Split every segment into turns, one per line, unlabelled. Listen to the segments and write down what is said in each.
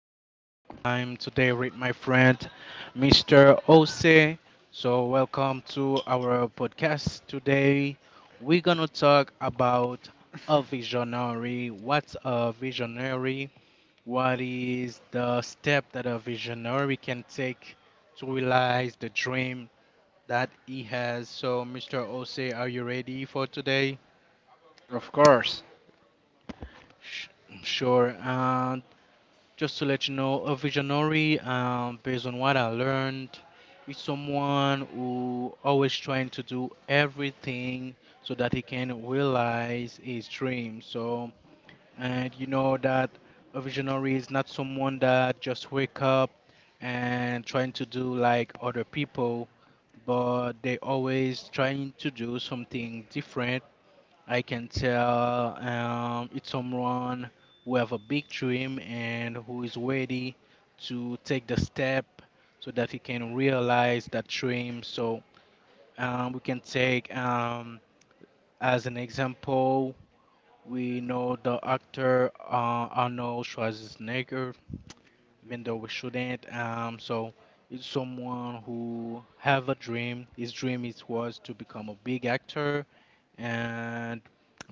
Jerome. I'm today with my friend, Mr. Ose. So, welcome to our podcast today. We're gonna talk about a visionary. What's a visionary? What is the step that a visionary can take to realize the dream that he has? So, Mr. Ose, are you ready for today?
Of course.
Sh- Sure. Just to let you know, a visionary, based on what I learned, is someone who always trying to do everything so that he can realize his dream. So, and you know that a visionary is not someone that just wake up and trying to do like other people, but they always trying to do something different. I can tell it's someone who have a big dream and who is ready to take the step so that he can realize that dream. So we can take as an example, we know the actor Arnold Schwarzenegger, even though we shouldn't. So it's someone who have a dream. His dream is was to become a big actor, and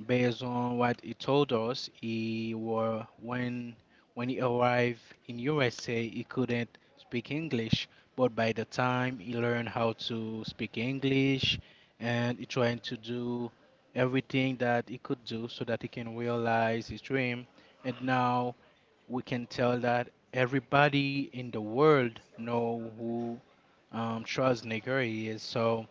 based on what he told us, he were when he arrived in USA, he couldn't speak English. But by the time he learned how to speak English, and he trying to do everything that he could do so that he can realize his dream. And now we can tell that everybody in the world know who Charles Negri is. So,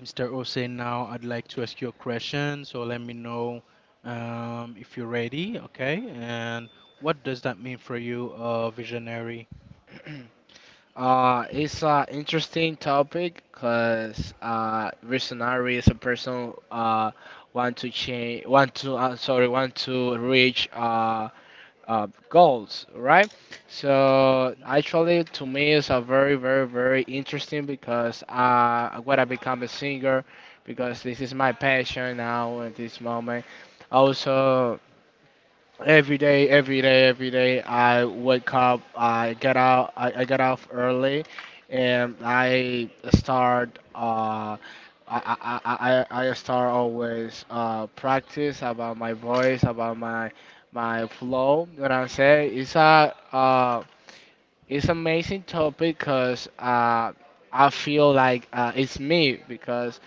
Mr. Ose, now I'd like to ask you a question. So let me know if you're ready, okay? And what does that mean for you, visionary?
It's an interesting topic because reasonary is a person want to change, want to reach goals, right? So actually, to me, it's a very, very, very interesting because I want to become a singer, because this is my passion now at this moment. Also, every day, I wake up, I get out, I get off early, and I start. I start always practice about my voice, about my flow. What I'm saying, it's a it's amazing topic because I feel like it's me because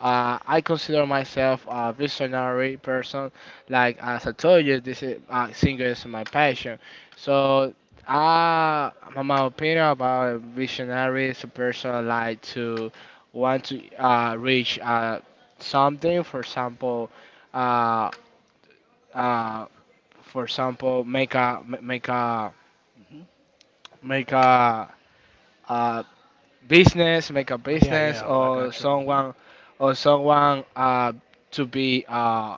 I consider myself a visionary person. Like as I told you, this is singing is my passion. So uh, my opinion about a visionary is a person like to want to reach something. For example, uh, uh, make make a
Mhm.
make a uh, business, make a
Oh, yeah,
business,
yeah, I got you. Hmm.
or someone to be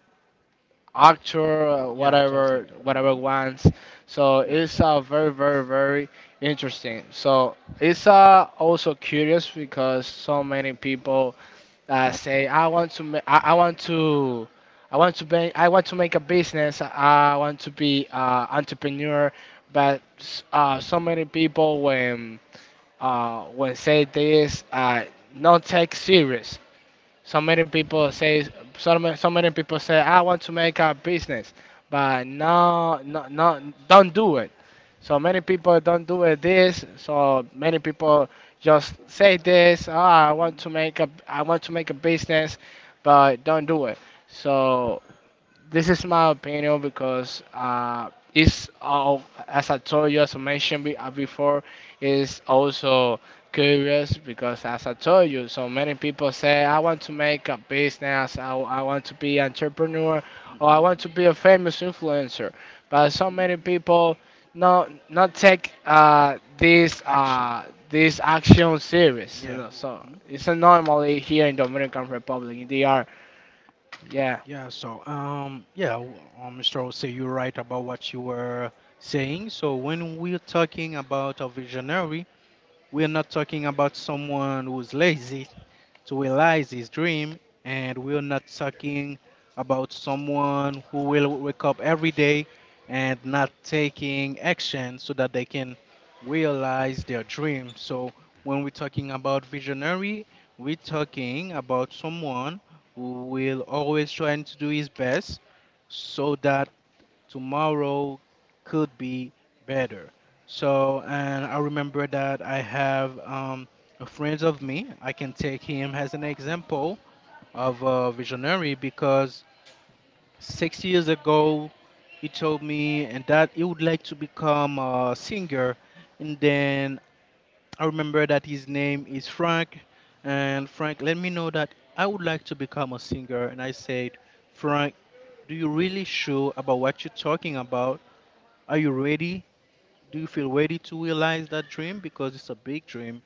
actor,
Yeah, things
whatever,
like that.
whatever
Hmm.
wants. So
Yeah.
it's very, very, very interesting. So it's also curious because so many people say, I want to. I want to be, I want to make a business. I want to be entrepreneur, but so many people when say this not take serious. So many people say so many people say I want to make a business, but no, no, no, don't do it. So many people don't do it this. So many people just say this. Oh, I want
Hmm.
to make a I want to make a business, but don't do it. So this is my opinion because it's all, as I told you, as I mentioned before, is also curious because as I told you, so many people say I want to make a business, I want to be entrepreneur,
Hmm.
or I
Hmm.
want to be a famous influencer, but so many people not take this
Action. Hmm.
this action serious. You
Yeah.
know, so
Hmm.
it's normally here in Dominican Republic. They are yeah.
Yeah. So, yeah, Mr. Ose, you're right about what you were saying. So, when we're talking about a visionary, we're not talking about someone who's lazy to realize his dream. And we're not talking about someone who will wake up every day and not taking action so that they can realize their dream. So when we're talking about visionary, we're talking about someone who will always trying to do his best so that tomorrow could be better. So, and I remember that I have a friend of me. I can take him as an example of a visionary because 6 years ago he told me and that he would like to become a singer. And then I remember that his name is Frank. And Frank let me know that I would like to become a singer. And I said, Frank, do you really sure about what you're talking about? Are you ready? Do you feel ready to realize that dream? Because it's a big dream.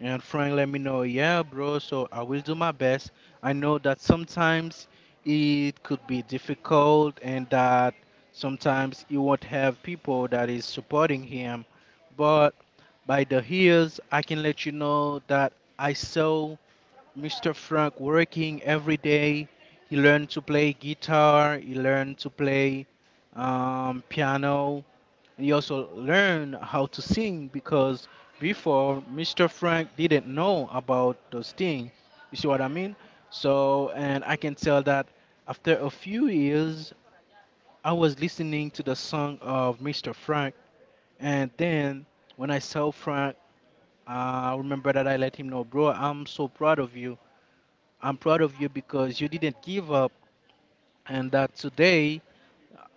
And Frank let me know, yeah, bro, so I will do my best. I know that sometimes it could be difficult and that sometimes you won't have people that is supporting him. But by the heels, I can let you know that I saw Mr. Frank working every day. He learned to play guitar, he learned to play piano, you also learn how to sing because before Mr. Frank didn't know about those things. You see what I mean? So, and I can tell that after a few years, I was listening to the song of Mr. Frank, and then when I saw Frank, I remember that I let him know, bro, I'm so proud of you. I'm proud of you because you didn't give up, and that today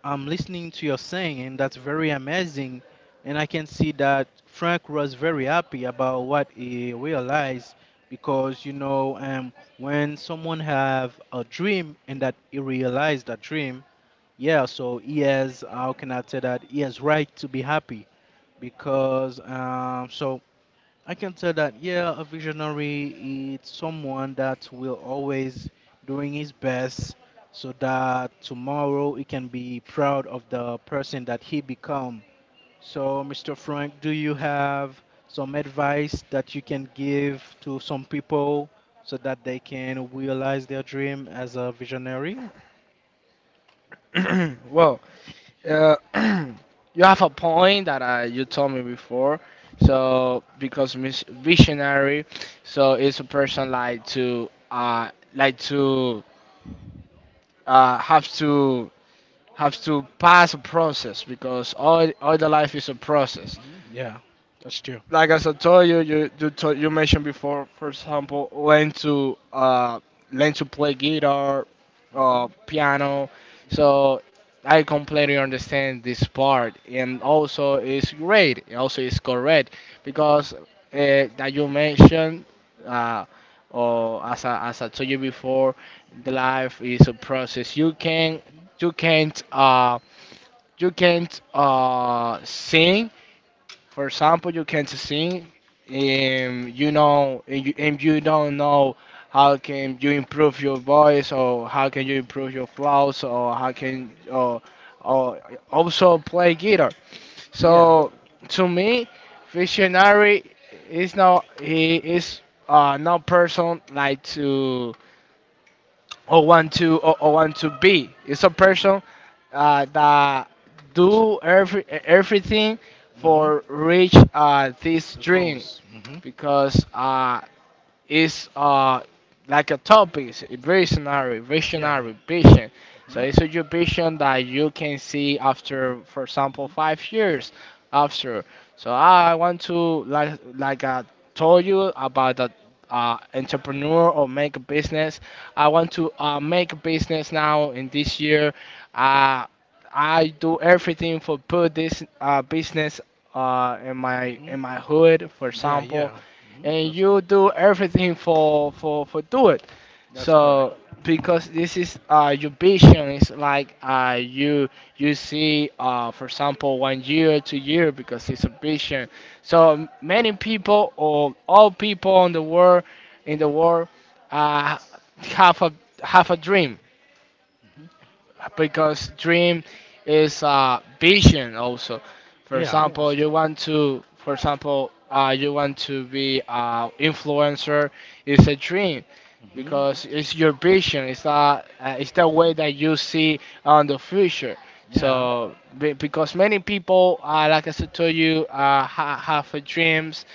I'm listening to your saying, and that's very amazing. And I can see that Frank was very happy about what he realized because when someone have a dream and that he realized that dream, yeah. So he has, how can I say that? He has right to be happy because so I can tell that, yeah, a visionary is someone that will always doing his best so that tomorrow he can be proud of the person that he become. So, Mr. Frank, do you have some advice that you can give to some people so that they can realize their dream as a visionary?
Well. Uh, you have a point that you told me before. So because visionary, so it's a person like to have to have to pass a process because all the life is a process
Mhm. Yeah, that's true.
like as I told you, you mentioned before, for
Mhm.
example, learn to learn to play guitar,
Mhm.
piano.
Mhm.
So I completely understand this part, and also it's great. And also, it's correct because that you mentioned. Uh, or as as I told you before, the life is a process. You can you can't uh you can't sing, for example, you can't sing, and you know, and you don't know how can you improve your voice, or how can you improve your
Mhm.
flows, or how can, or also play guitar.
Yeah.
So to me, visionary is not he is not person like to oh 12 to be. It's a person that do every everything
Hmm.
for reach this
The
dream
goals. Hmm.
because is like a topic, it's a visionary,
Yeah.
visionary vision. So
Hmm.
it's a your vision that you can see
Hmm.
after, for example,
Hmm.
5 years after. So I want to I told you about the entrepreneur or make a business. I want to make a business now in this year. Uh, I do everything for put this business
Hmm.
in my hood, for
Yeah.
example,
Yeah. Hmm.
and
That's
you
good.
do everything for do it.
That's correct.
So
Hmm.
because this is your vision is like you you see for example 1 year 2 year because it's a vision. So many people or all people in the world in the world uh, have a have a dream
Hmm.
because dream is a vision also. For yeah,
Yeah. That's
example,
true.
you want to, for example, you want to be a influencer. It's a dream
Hmm.
because it's your vision. It's it's the
Hmm.
way that you see on the future.
Yeah.
So because many people, like I said to you, have a dreams,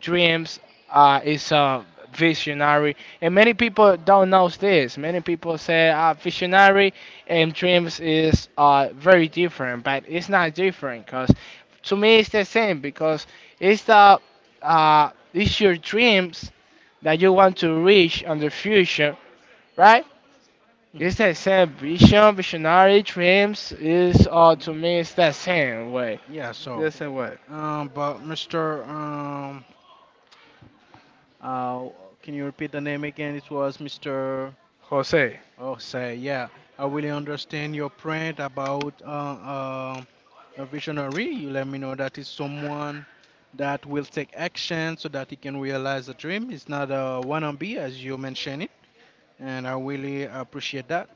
dreams is a visionary, and many people don't know this. Many people say visionary and dreams is very different, but it's not different because to me it's the same because it's the it's your dreams that you want to reach in the future, right?
Hmm.
It's the same vision, visionary, dreams is to
Hmm.
me it's the same way,
Yeah.
the
So,
same way.
but Mr. Uh, can you repeat the name again? It was Mr.
Jose.
Oh, say, yeah. I really understand your point about a visionary. You let me know that is someone that will take action so that he can realize a dream. It's not a wannabe, as you mentioned it, and I really appreciate that.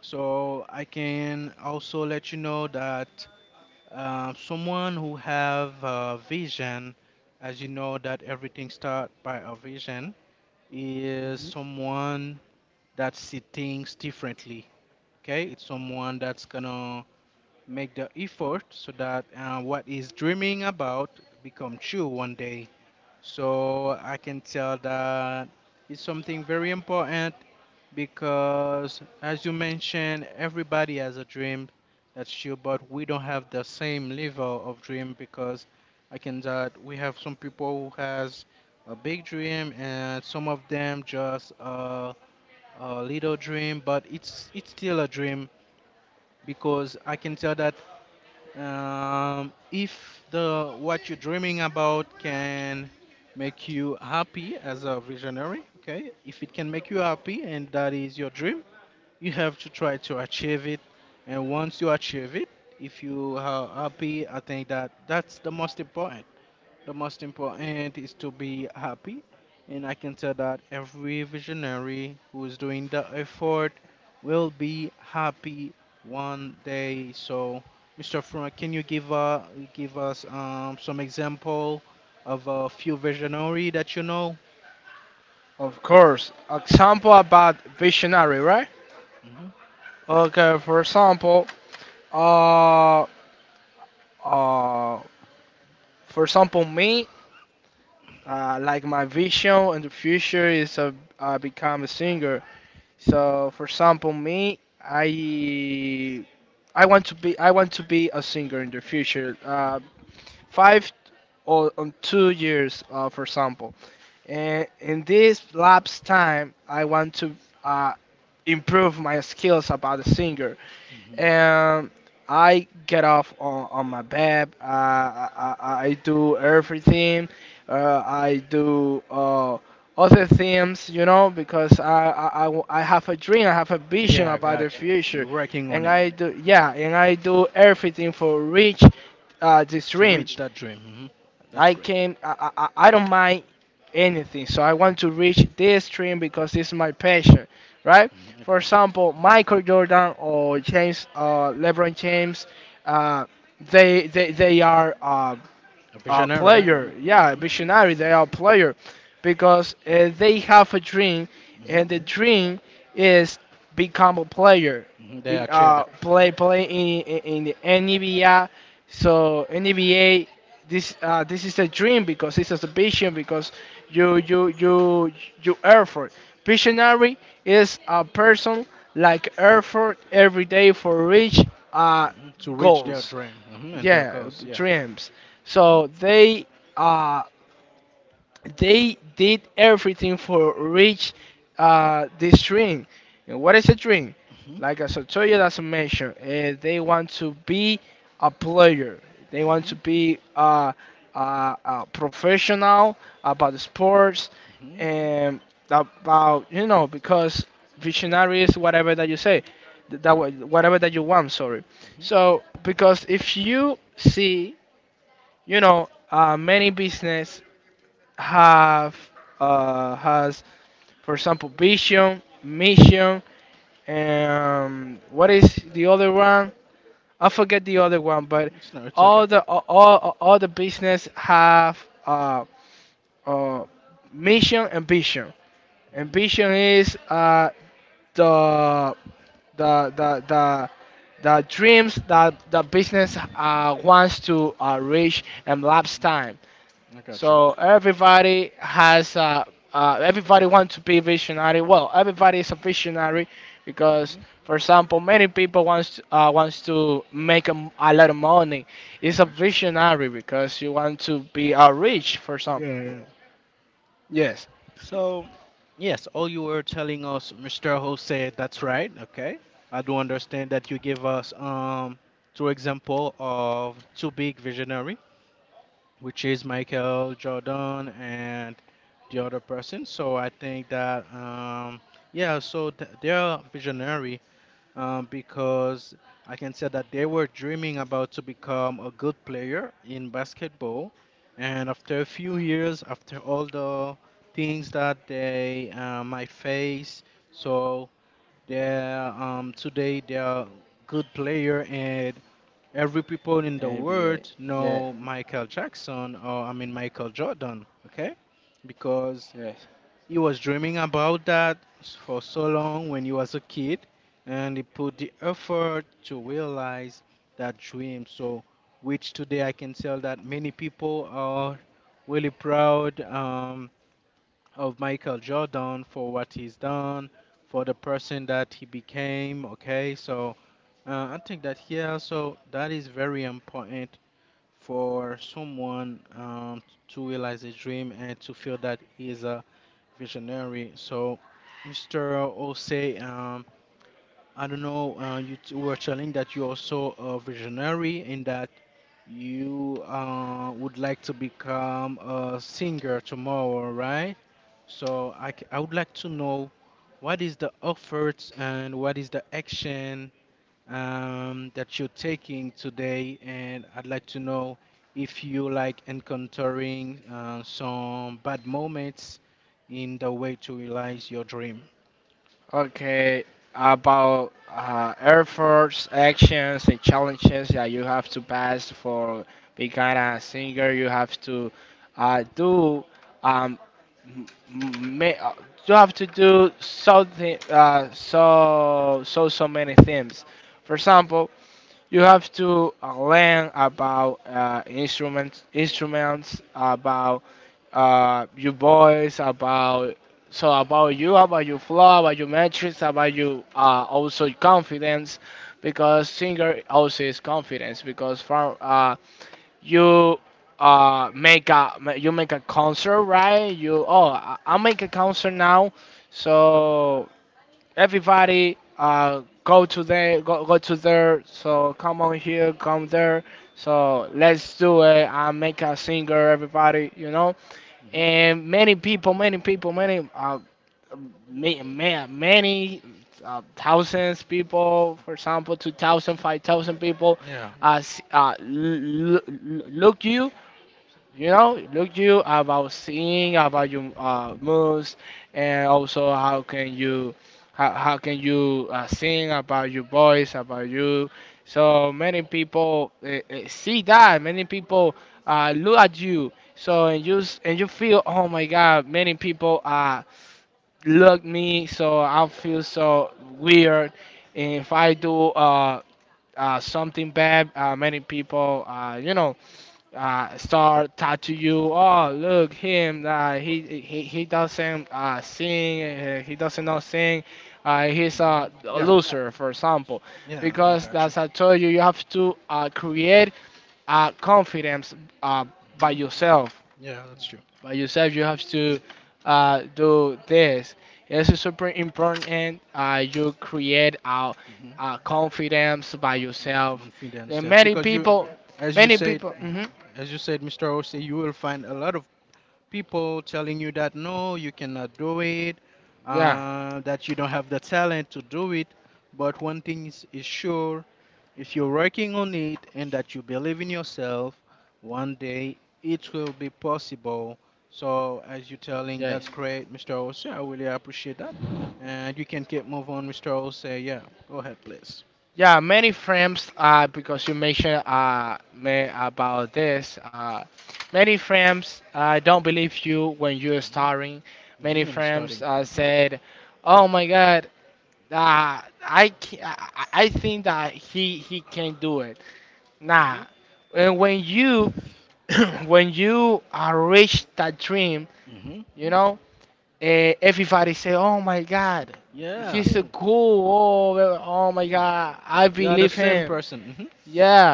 So I can also let you know that someone who have a vision, as you know that everything start by a vision, is someone that see things differently. Okay, it's someone that's gonna make the effort so that what is dreaming about become true one day. So I can tell that it's something very important because as you mentioned everybody has a dream. That's true, but we don't have the same level of dream because I can tell that we have some people who has a big dream and some of them just a little dream, but it's still a dream because I can tell that if the what you're dreaming about can make you happy as a visionary, okay? If it can make you happy and that is your dream, you have to try to achieve it. And once you achieve it, if you are happy, I think that that's the most important. The most important is to be happy, and I can tell that every visionary who is doing the effort will be happy one day. So, Mr. Frank, can you give give us some example of a few visionary that you know?
Of course. Example about visionary, right?
Hmm.
Okay, uh, uh, for example, me, like my vision in the future is become a singer. So,
Hmm.
for example, me, I want to be a singer in the future. Five or 2 years, for example. And in this lapse time, I want to uh, improve my skills about the singer.
Hmm.
And I get off on my bed. I do everything. I do other things, you know, because I have a dream, I have a vision
Yeah, I
about the
got you.
future.
You're working on
And
it
I do, yeah, and I do everything for reach this
to
dream.
reach that dream. Hmm. That's
I
great.
came. I don't mind anything. So I want to reach this dream because it's my passion, right?
Hmm. I
For
got you.
example, Michael Jordan or James, LeBron James, uh, they are.
A visionary.
Player.
Mhm.
Yeah,
Mhm.
visionary. They are player because they have a dream,
Mhm.
and the dream is become a player.
Mhm. They achieve it. Mhm.
Play in the NBA. So NBA. This is a dream because it's a vision because you you you you effort. Visionary is a person like effort every day for reach uh,
Mhm. To reach their
goals,
dream. Mhm. And their
yeah,
goals. Yeah.
dreams.
Mhm.
So uh, they did everything for reach this dream. And what is a dream?
Mhm.
Like as I told you, that's a mention. They want to be a player. They want to
Mhm.
be a professional about sports
Mhm.
and about, you know, because visionary is whatever that you say, whatever that you want. Sorry.
Mhm.
So because if you see, you know, many business have has, for example, vision, mission, and what is the other one. I forget the other one, but
Mhm. It's no, it's okay.
all the all the business have uh, uh, mission and vision, and
Mhm.
vision is the the the the the dreams that the business wants to reach in lifetime.
I got you.
So everybody has everybody wants to be visionary. Well, everybody is a visionary because,
Mhm.
for example, many people wants to, wants to make a lot of money.
I
It's a
got you.
visionary because you want to be rich, for example.
Yeah, yeah.
Yes.
So, yes, all you were telling us, Mr. Ho said that's right. Okay, I do understand that you give us two example of two big visionary, which is Michael Jordan and the other person. So I think that yeah, so they're visionary because I can say that they were dreaming about to become a good player in basketball, and after a few years, after all the things that they might face, so they're today they're good player and. Every people in the
ABA.
world
Yeah.
know Michael Jackson, or I mean Michael Jordan, okay? Because
Yes.
you was dreaming about that for so long when you was a kid, and it put the effort to realize that dream. So, which today I can tell that many people are really proud of Michael Jordan for what he's done, for the person that he became. Okay, so I think that here also that is very important for someone to realize a dream and to feel that he is a visionary. So, Mr. Osei, I don't know, you were telling that you also a visionary in that you would like to become a singer tomorrow, right? So, I would like to know what is the efforts and what is the action that you're taking today, and I'd like to know if you like encountering some bad moments in the way to realize your dream.
Okay, about efforts, actions, and challenges that you have to pass for becoming a singer. You have to do um, m- m- ma- uh, you have to do something so many things. For example, you have to learn about instruments, instruments about your voice, about so about you, about your flow, about your metrics, about you also your confidence, because singer also is confidence. Because from you make you make a concert, right? You oh I make a concert now,
Mhm.
so everybody go to there, go to there, so come on here, come there, so let's do it, I make a singer, everybody, you know,
Mhm.
and many many thousands people, for example, 2,000, 5,000 people
Yeah.
l- look you, you know, look you about seeing about your moves, and also how can you how can you sing about your voice, about you. So many people see that. Many people look at you. So and and you feel, oh my God, many people look me. So I feel so weird. And if I do something bad, many people, you know, start tattoo you. Oh, look him. He doesn't sing. He doesn't know sing. He's a
Mhm. Yeah.
loser, for example,
Yeah, I
because
got you.
as I told you, you have to create confidence uh, by
Hmm.
yourself.
Yeah, that's true.
By yourself, you have to
Hmm.
do this. This is super important. You create
Hmm.
confidence by
Hmm. To
yourself.
confidence,
And
yes,
many
because you,
people,
as you
many
said,
people.
mhm,
Mhm.
as you said, Mr. OC, you will find a lot of people telling you that no, you cannot do it, that you don't have the talent to do it. But one thing is sure, if you're working on it and that you believe in yourself, one day it will be possible. So, as you're telling,
Yes.
that's great, Mr. Ose. I really appreciate that. And you can keep move on, Mr. Ose. Yeah, go ahead, please.
Yeah, many frames because you mentioned me about this. Many frames don't believe you when you're
Hmm.
starring. Many
Hmm. And
frames
starting. Hmm.
said, "Oh my God, I, ca- I think that he can do it." Nah,
Mhm.
and when you when you reach that dream,
Hmm.
you know everybody say, "Oh my God,
Yeah,
he's so cool! Oh, well, oh my
yeah.
God, I
They are the
believe
same
him."
person. Hmm.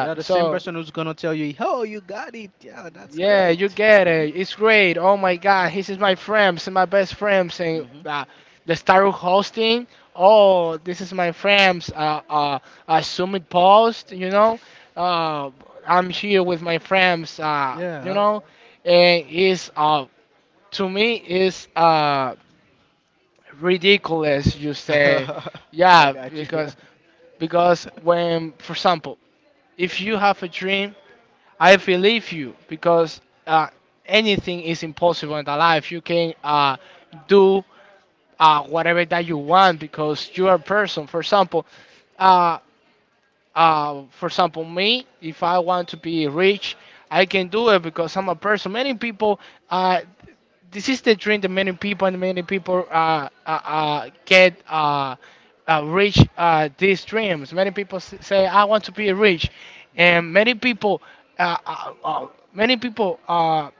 They are the same
So
person who's gonna tell you, "Oh, you got it. Yeah, that's
yeah, you
great."
get
Hmm.
it. It's great. Oh my God, he's my friends and my best friends and
Hmm.
the star of hosting. Oh, this is my friends. Summit post. Uh, I'm here with my friends.
Yeah.
And it's to me is ridiculous you say,
I
yeah,
got you.
because when, for example, if you have a dream, I believe you because, uh, anything is impossible in the life. You can, do whatever that you want because you are a person, for example. uh, for example, me, if I want to be rich, I can do it because I'm a person. Many people, uh, this is the dream that many people, and many people get reach these dreams. Many people say, "I want to be rich," and many people, uh, uh, uh, many people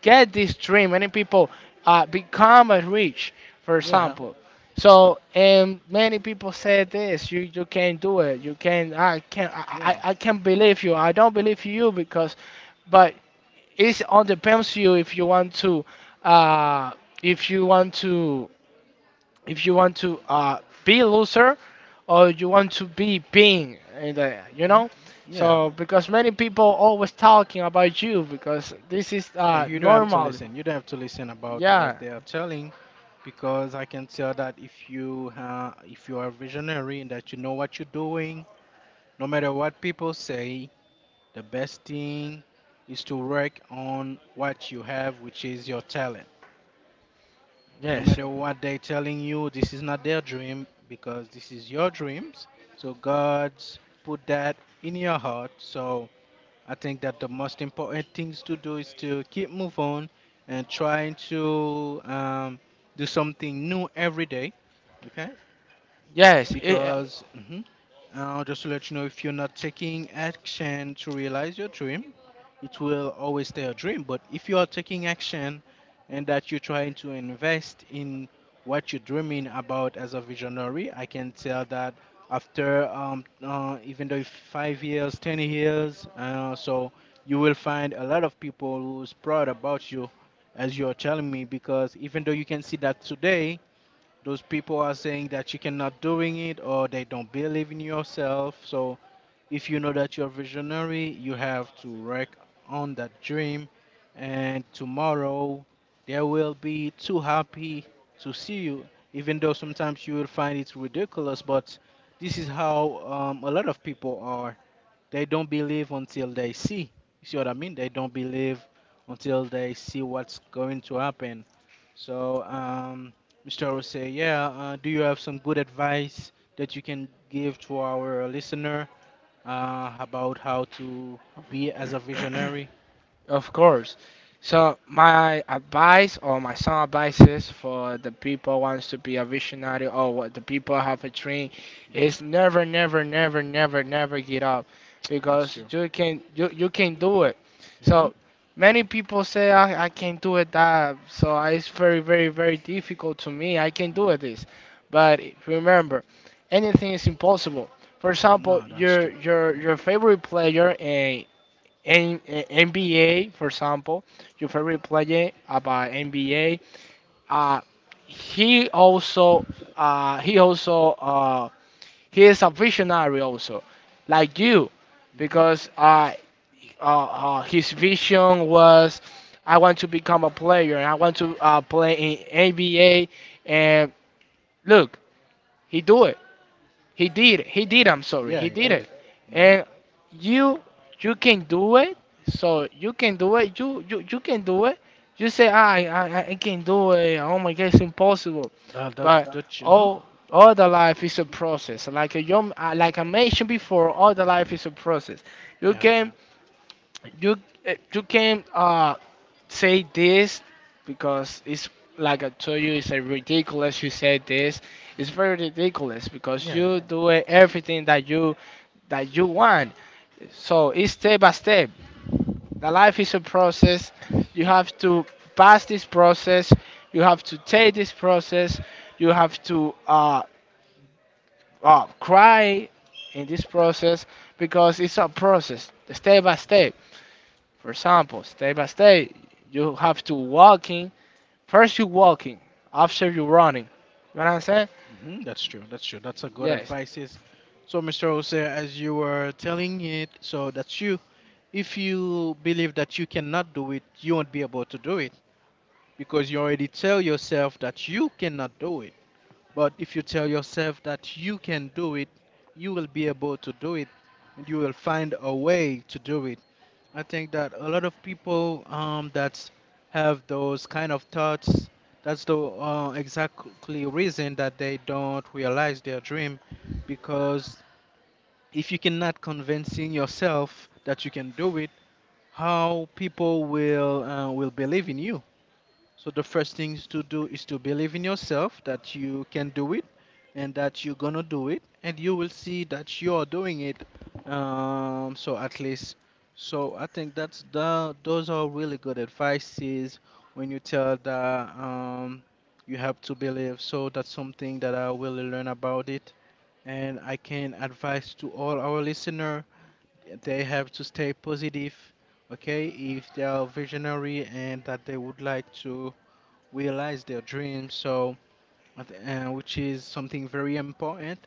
get this dream. Many people become a rich, for
Yeah.
example. So, and many people say this: you can't do it. You can. I can I
Yeah.
I I can't believe you. I don't believe you because, but it's all depends you. If you want to, uh, if you want to, if you want to uh be a loser, or you want to be being, and.
Hmm? Yeah.
So because many people always talking about you because this is
Yeah, you don't have to
normal,
listen. You don't have to listen about what
yeah.
they are telling, because I can tell that if you are visionary and that you know what you're doing, no matter what people say, the best thing is to work on what you have, which is your talent. No
Yes.
matter what they're telling you, this is not their dream because this is your dreams. So God put that in your heart. So I think that the most important things to do is to keep move on and try to do something new every day. Okay,
Yes. It,
because just to let you know, if you're not taking action to realize your dream, it will always stay a dream. But if you are taking action and that you're trying to invest in what you're dreaming about as a visionary, I can tell that after even though 5 years, 10 years, so you will find a lot of people who's proud about you, as you're telling me, because even though you can see that today. Those people are saying that you cannot doing it or they don't believe in yourself. So if you know that you're visionary, you have to work on that dream, and tomorrow they will be too happy to see you, even though sometimes you will find it ridiculous, but this is how a lot of people are. They don't believe until they see. You see what I mean? They don't believe until they see what's going to happen. So, Mr. will say, yeah, do you have some good advice that you can give to our listener about how to be as a
uh,
visionary.
Of course. So my advice, or my some advices for the people wants to be a visionary, or what the people have a dream, is
Hmm.
never, never, never, never, never get up
That's
because
true.
you can do it.
Hmm.
So many people say I can't do it that. So it's very difficult to me. I can do
Hmm.
it this, but remember, anything is impossible. For example,
No, that's
your
true.
your
Hmm.
your favorite player NBA, for example, your favorite player about NBA. Uh, he also he also he is a visionary also, like you,
Hmm.
because his vision was, "I want to become a player. I want to play in NBA," and look, he do it. He did. He did. I'm sorry.
Yeah,
He
he
did
did
it.
it. Hmm.
And you, you can do it. So you can do it. You can do it. You say, "Ah, I can do it. Oh my God, it's impossible."
That, that,
But
that, hmm.
all the life is a
Hmm.
process. Like a young, like I mentioned before, all the life is a process. You
Yeah,
can, you, you can. Say this because it's like I told you, it's a ridiculous you said this. It's very ridiculous because
yeah.
you do everything that you want. So it's step by step. The life is a process. You have to pass this process. You have to take this process. You have to cry in this process because it's a process, step by step. For example, step by step, you have to walk. First you walking, after you running. You know what I'm saying?
Hmm. That's true. That's true. That's a good
Yes.
advices. So, Mr. Jose, as you were telling it, so that's you. If you believe that you cannot do it, you won't be able to do it because you already tell yourself that you cannot do. But if you tell yourself that you can do it, you will be able to do it and you will find a way to do it. I think that a lot of people that have those kind of thoughts, that's the exactly reason that they don't realize their dream, because if you cannot convincing yourself that you can do it, how people will believe in you? So the first things to do is to believe in yourself that you can do it and that you're gonna do it and you will see that you're doing it. So at least, so I think that's the, those are really good advices when you tell that you have to believe. So that's something that I will learn about it and I can advise to all our listener, they have to stay positive, okay, if they are visionary and that they would like to realize their dreams. So, which is something very important,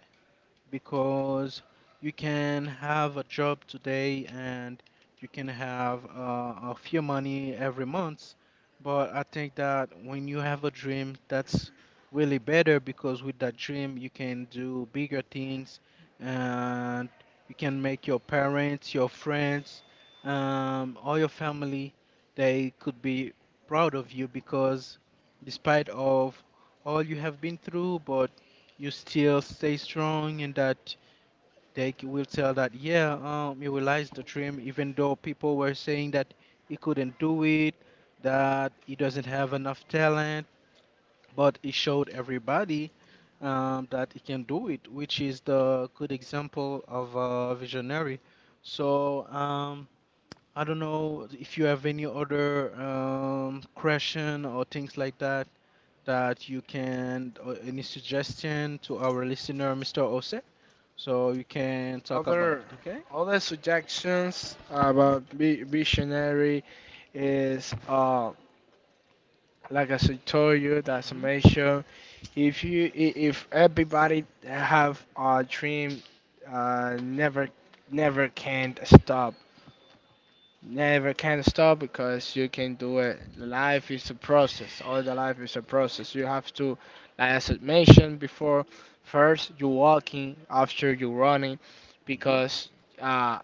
because you can have a job today and you can have a few money every month. But I think that when you have a dream, that's really better because with that dream, you can do bigger things and you can make your parents, your friends, all your family, they could be proud of you because despite of all you have been through, but you still stay strong and that will tell that, yeah, you realized the dream even though people were saying that he couldn't do it, that he doesn't have enough talent, but he showed everybody, that he can do it, which is the good example of a visionary. So I don't know if you have any other question or things like that that you can or any suggestion to our listener, Mr. Ose? So you can talk about
Other,
it. Okay.
other suggestions
Mhm.
about visionary is like I said told you that
Mhm.
summation. If you if everybody have a dream, never, never can stop. Never can stop because you can do it. Life is a process. All the life is a process. You have to, like as I mentioned before, first you walking, after you running,
Mhm.
because uh,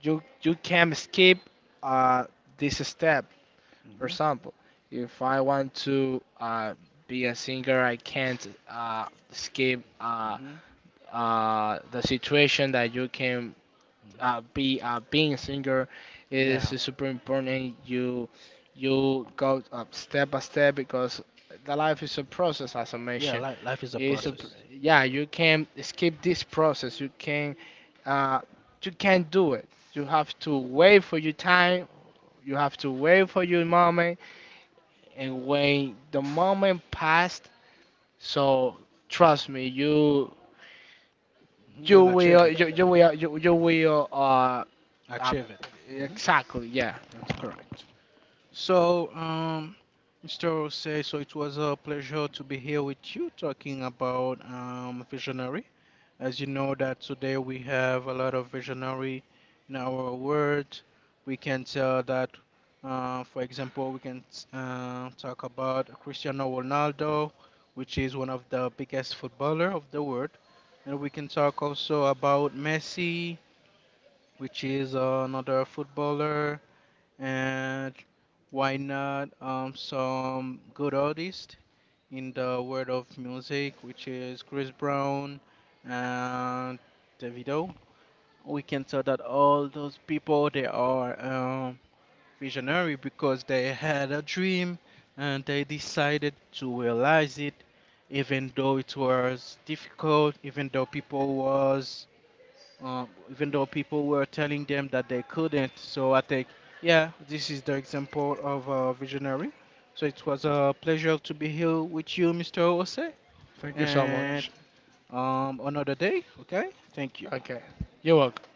you can skip, uh, this step. For
Mhm.
example, if I want to be a singer, I can't uh, skip uh,
Mhm.
uh, the situation that you can
Mhm.
be being a singer is
Yeah.
super important. You go up step by step because the life is a process, as I
Yeah.
mentioned.
Li- life is a
It's a
process.
yeah. You can skip this process. You can, uh, you can't do it. You have to wait for your time. You have to wait for your moment. And when the moment passed, so trust me,
Mhm. You will achieve it. Mhm.
you will uh
Achieve it. Mhm.
exactly, yeah.
That's correct. So, Mr. Osei, so it was a pleasure to be here with you talking about visionary. As you know that today we have a lot of visionary in our world. We can tell that, for example, we can talk about Cristiano Ronaldo, which is one of the biggest footballer of the world, and we can talk also about Messi, which is another footballer, and why not some good artist in the world of music, which is Chris Brown and Davido. We can tell that all those people they are visionary because they had a dream and they decided to realize it, even though it was difficult, even though people was even though people were telling them that they couldn't. So I think, yeah, this is the example of a visionary. So it was a pleasure to be here with you, Mr. Ose,
Thank you so
and
much.
another day. Okay, thank you.
Okay. You're welcome.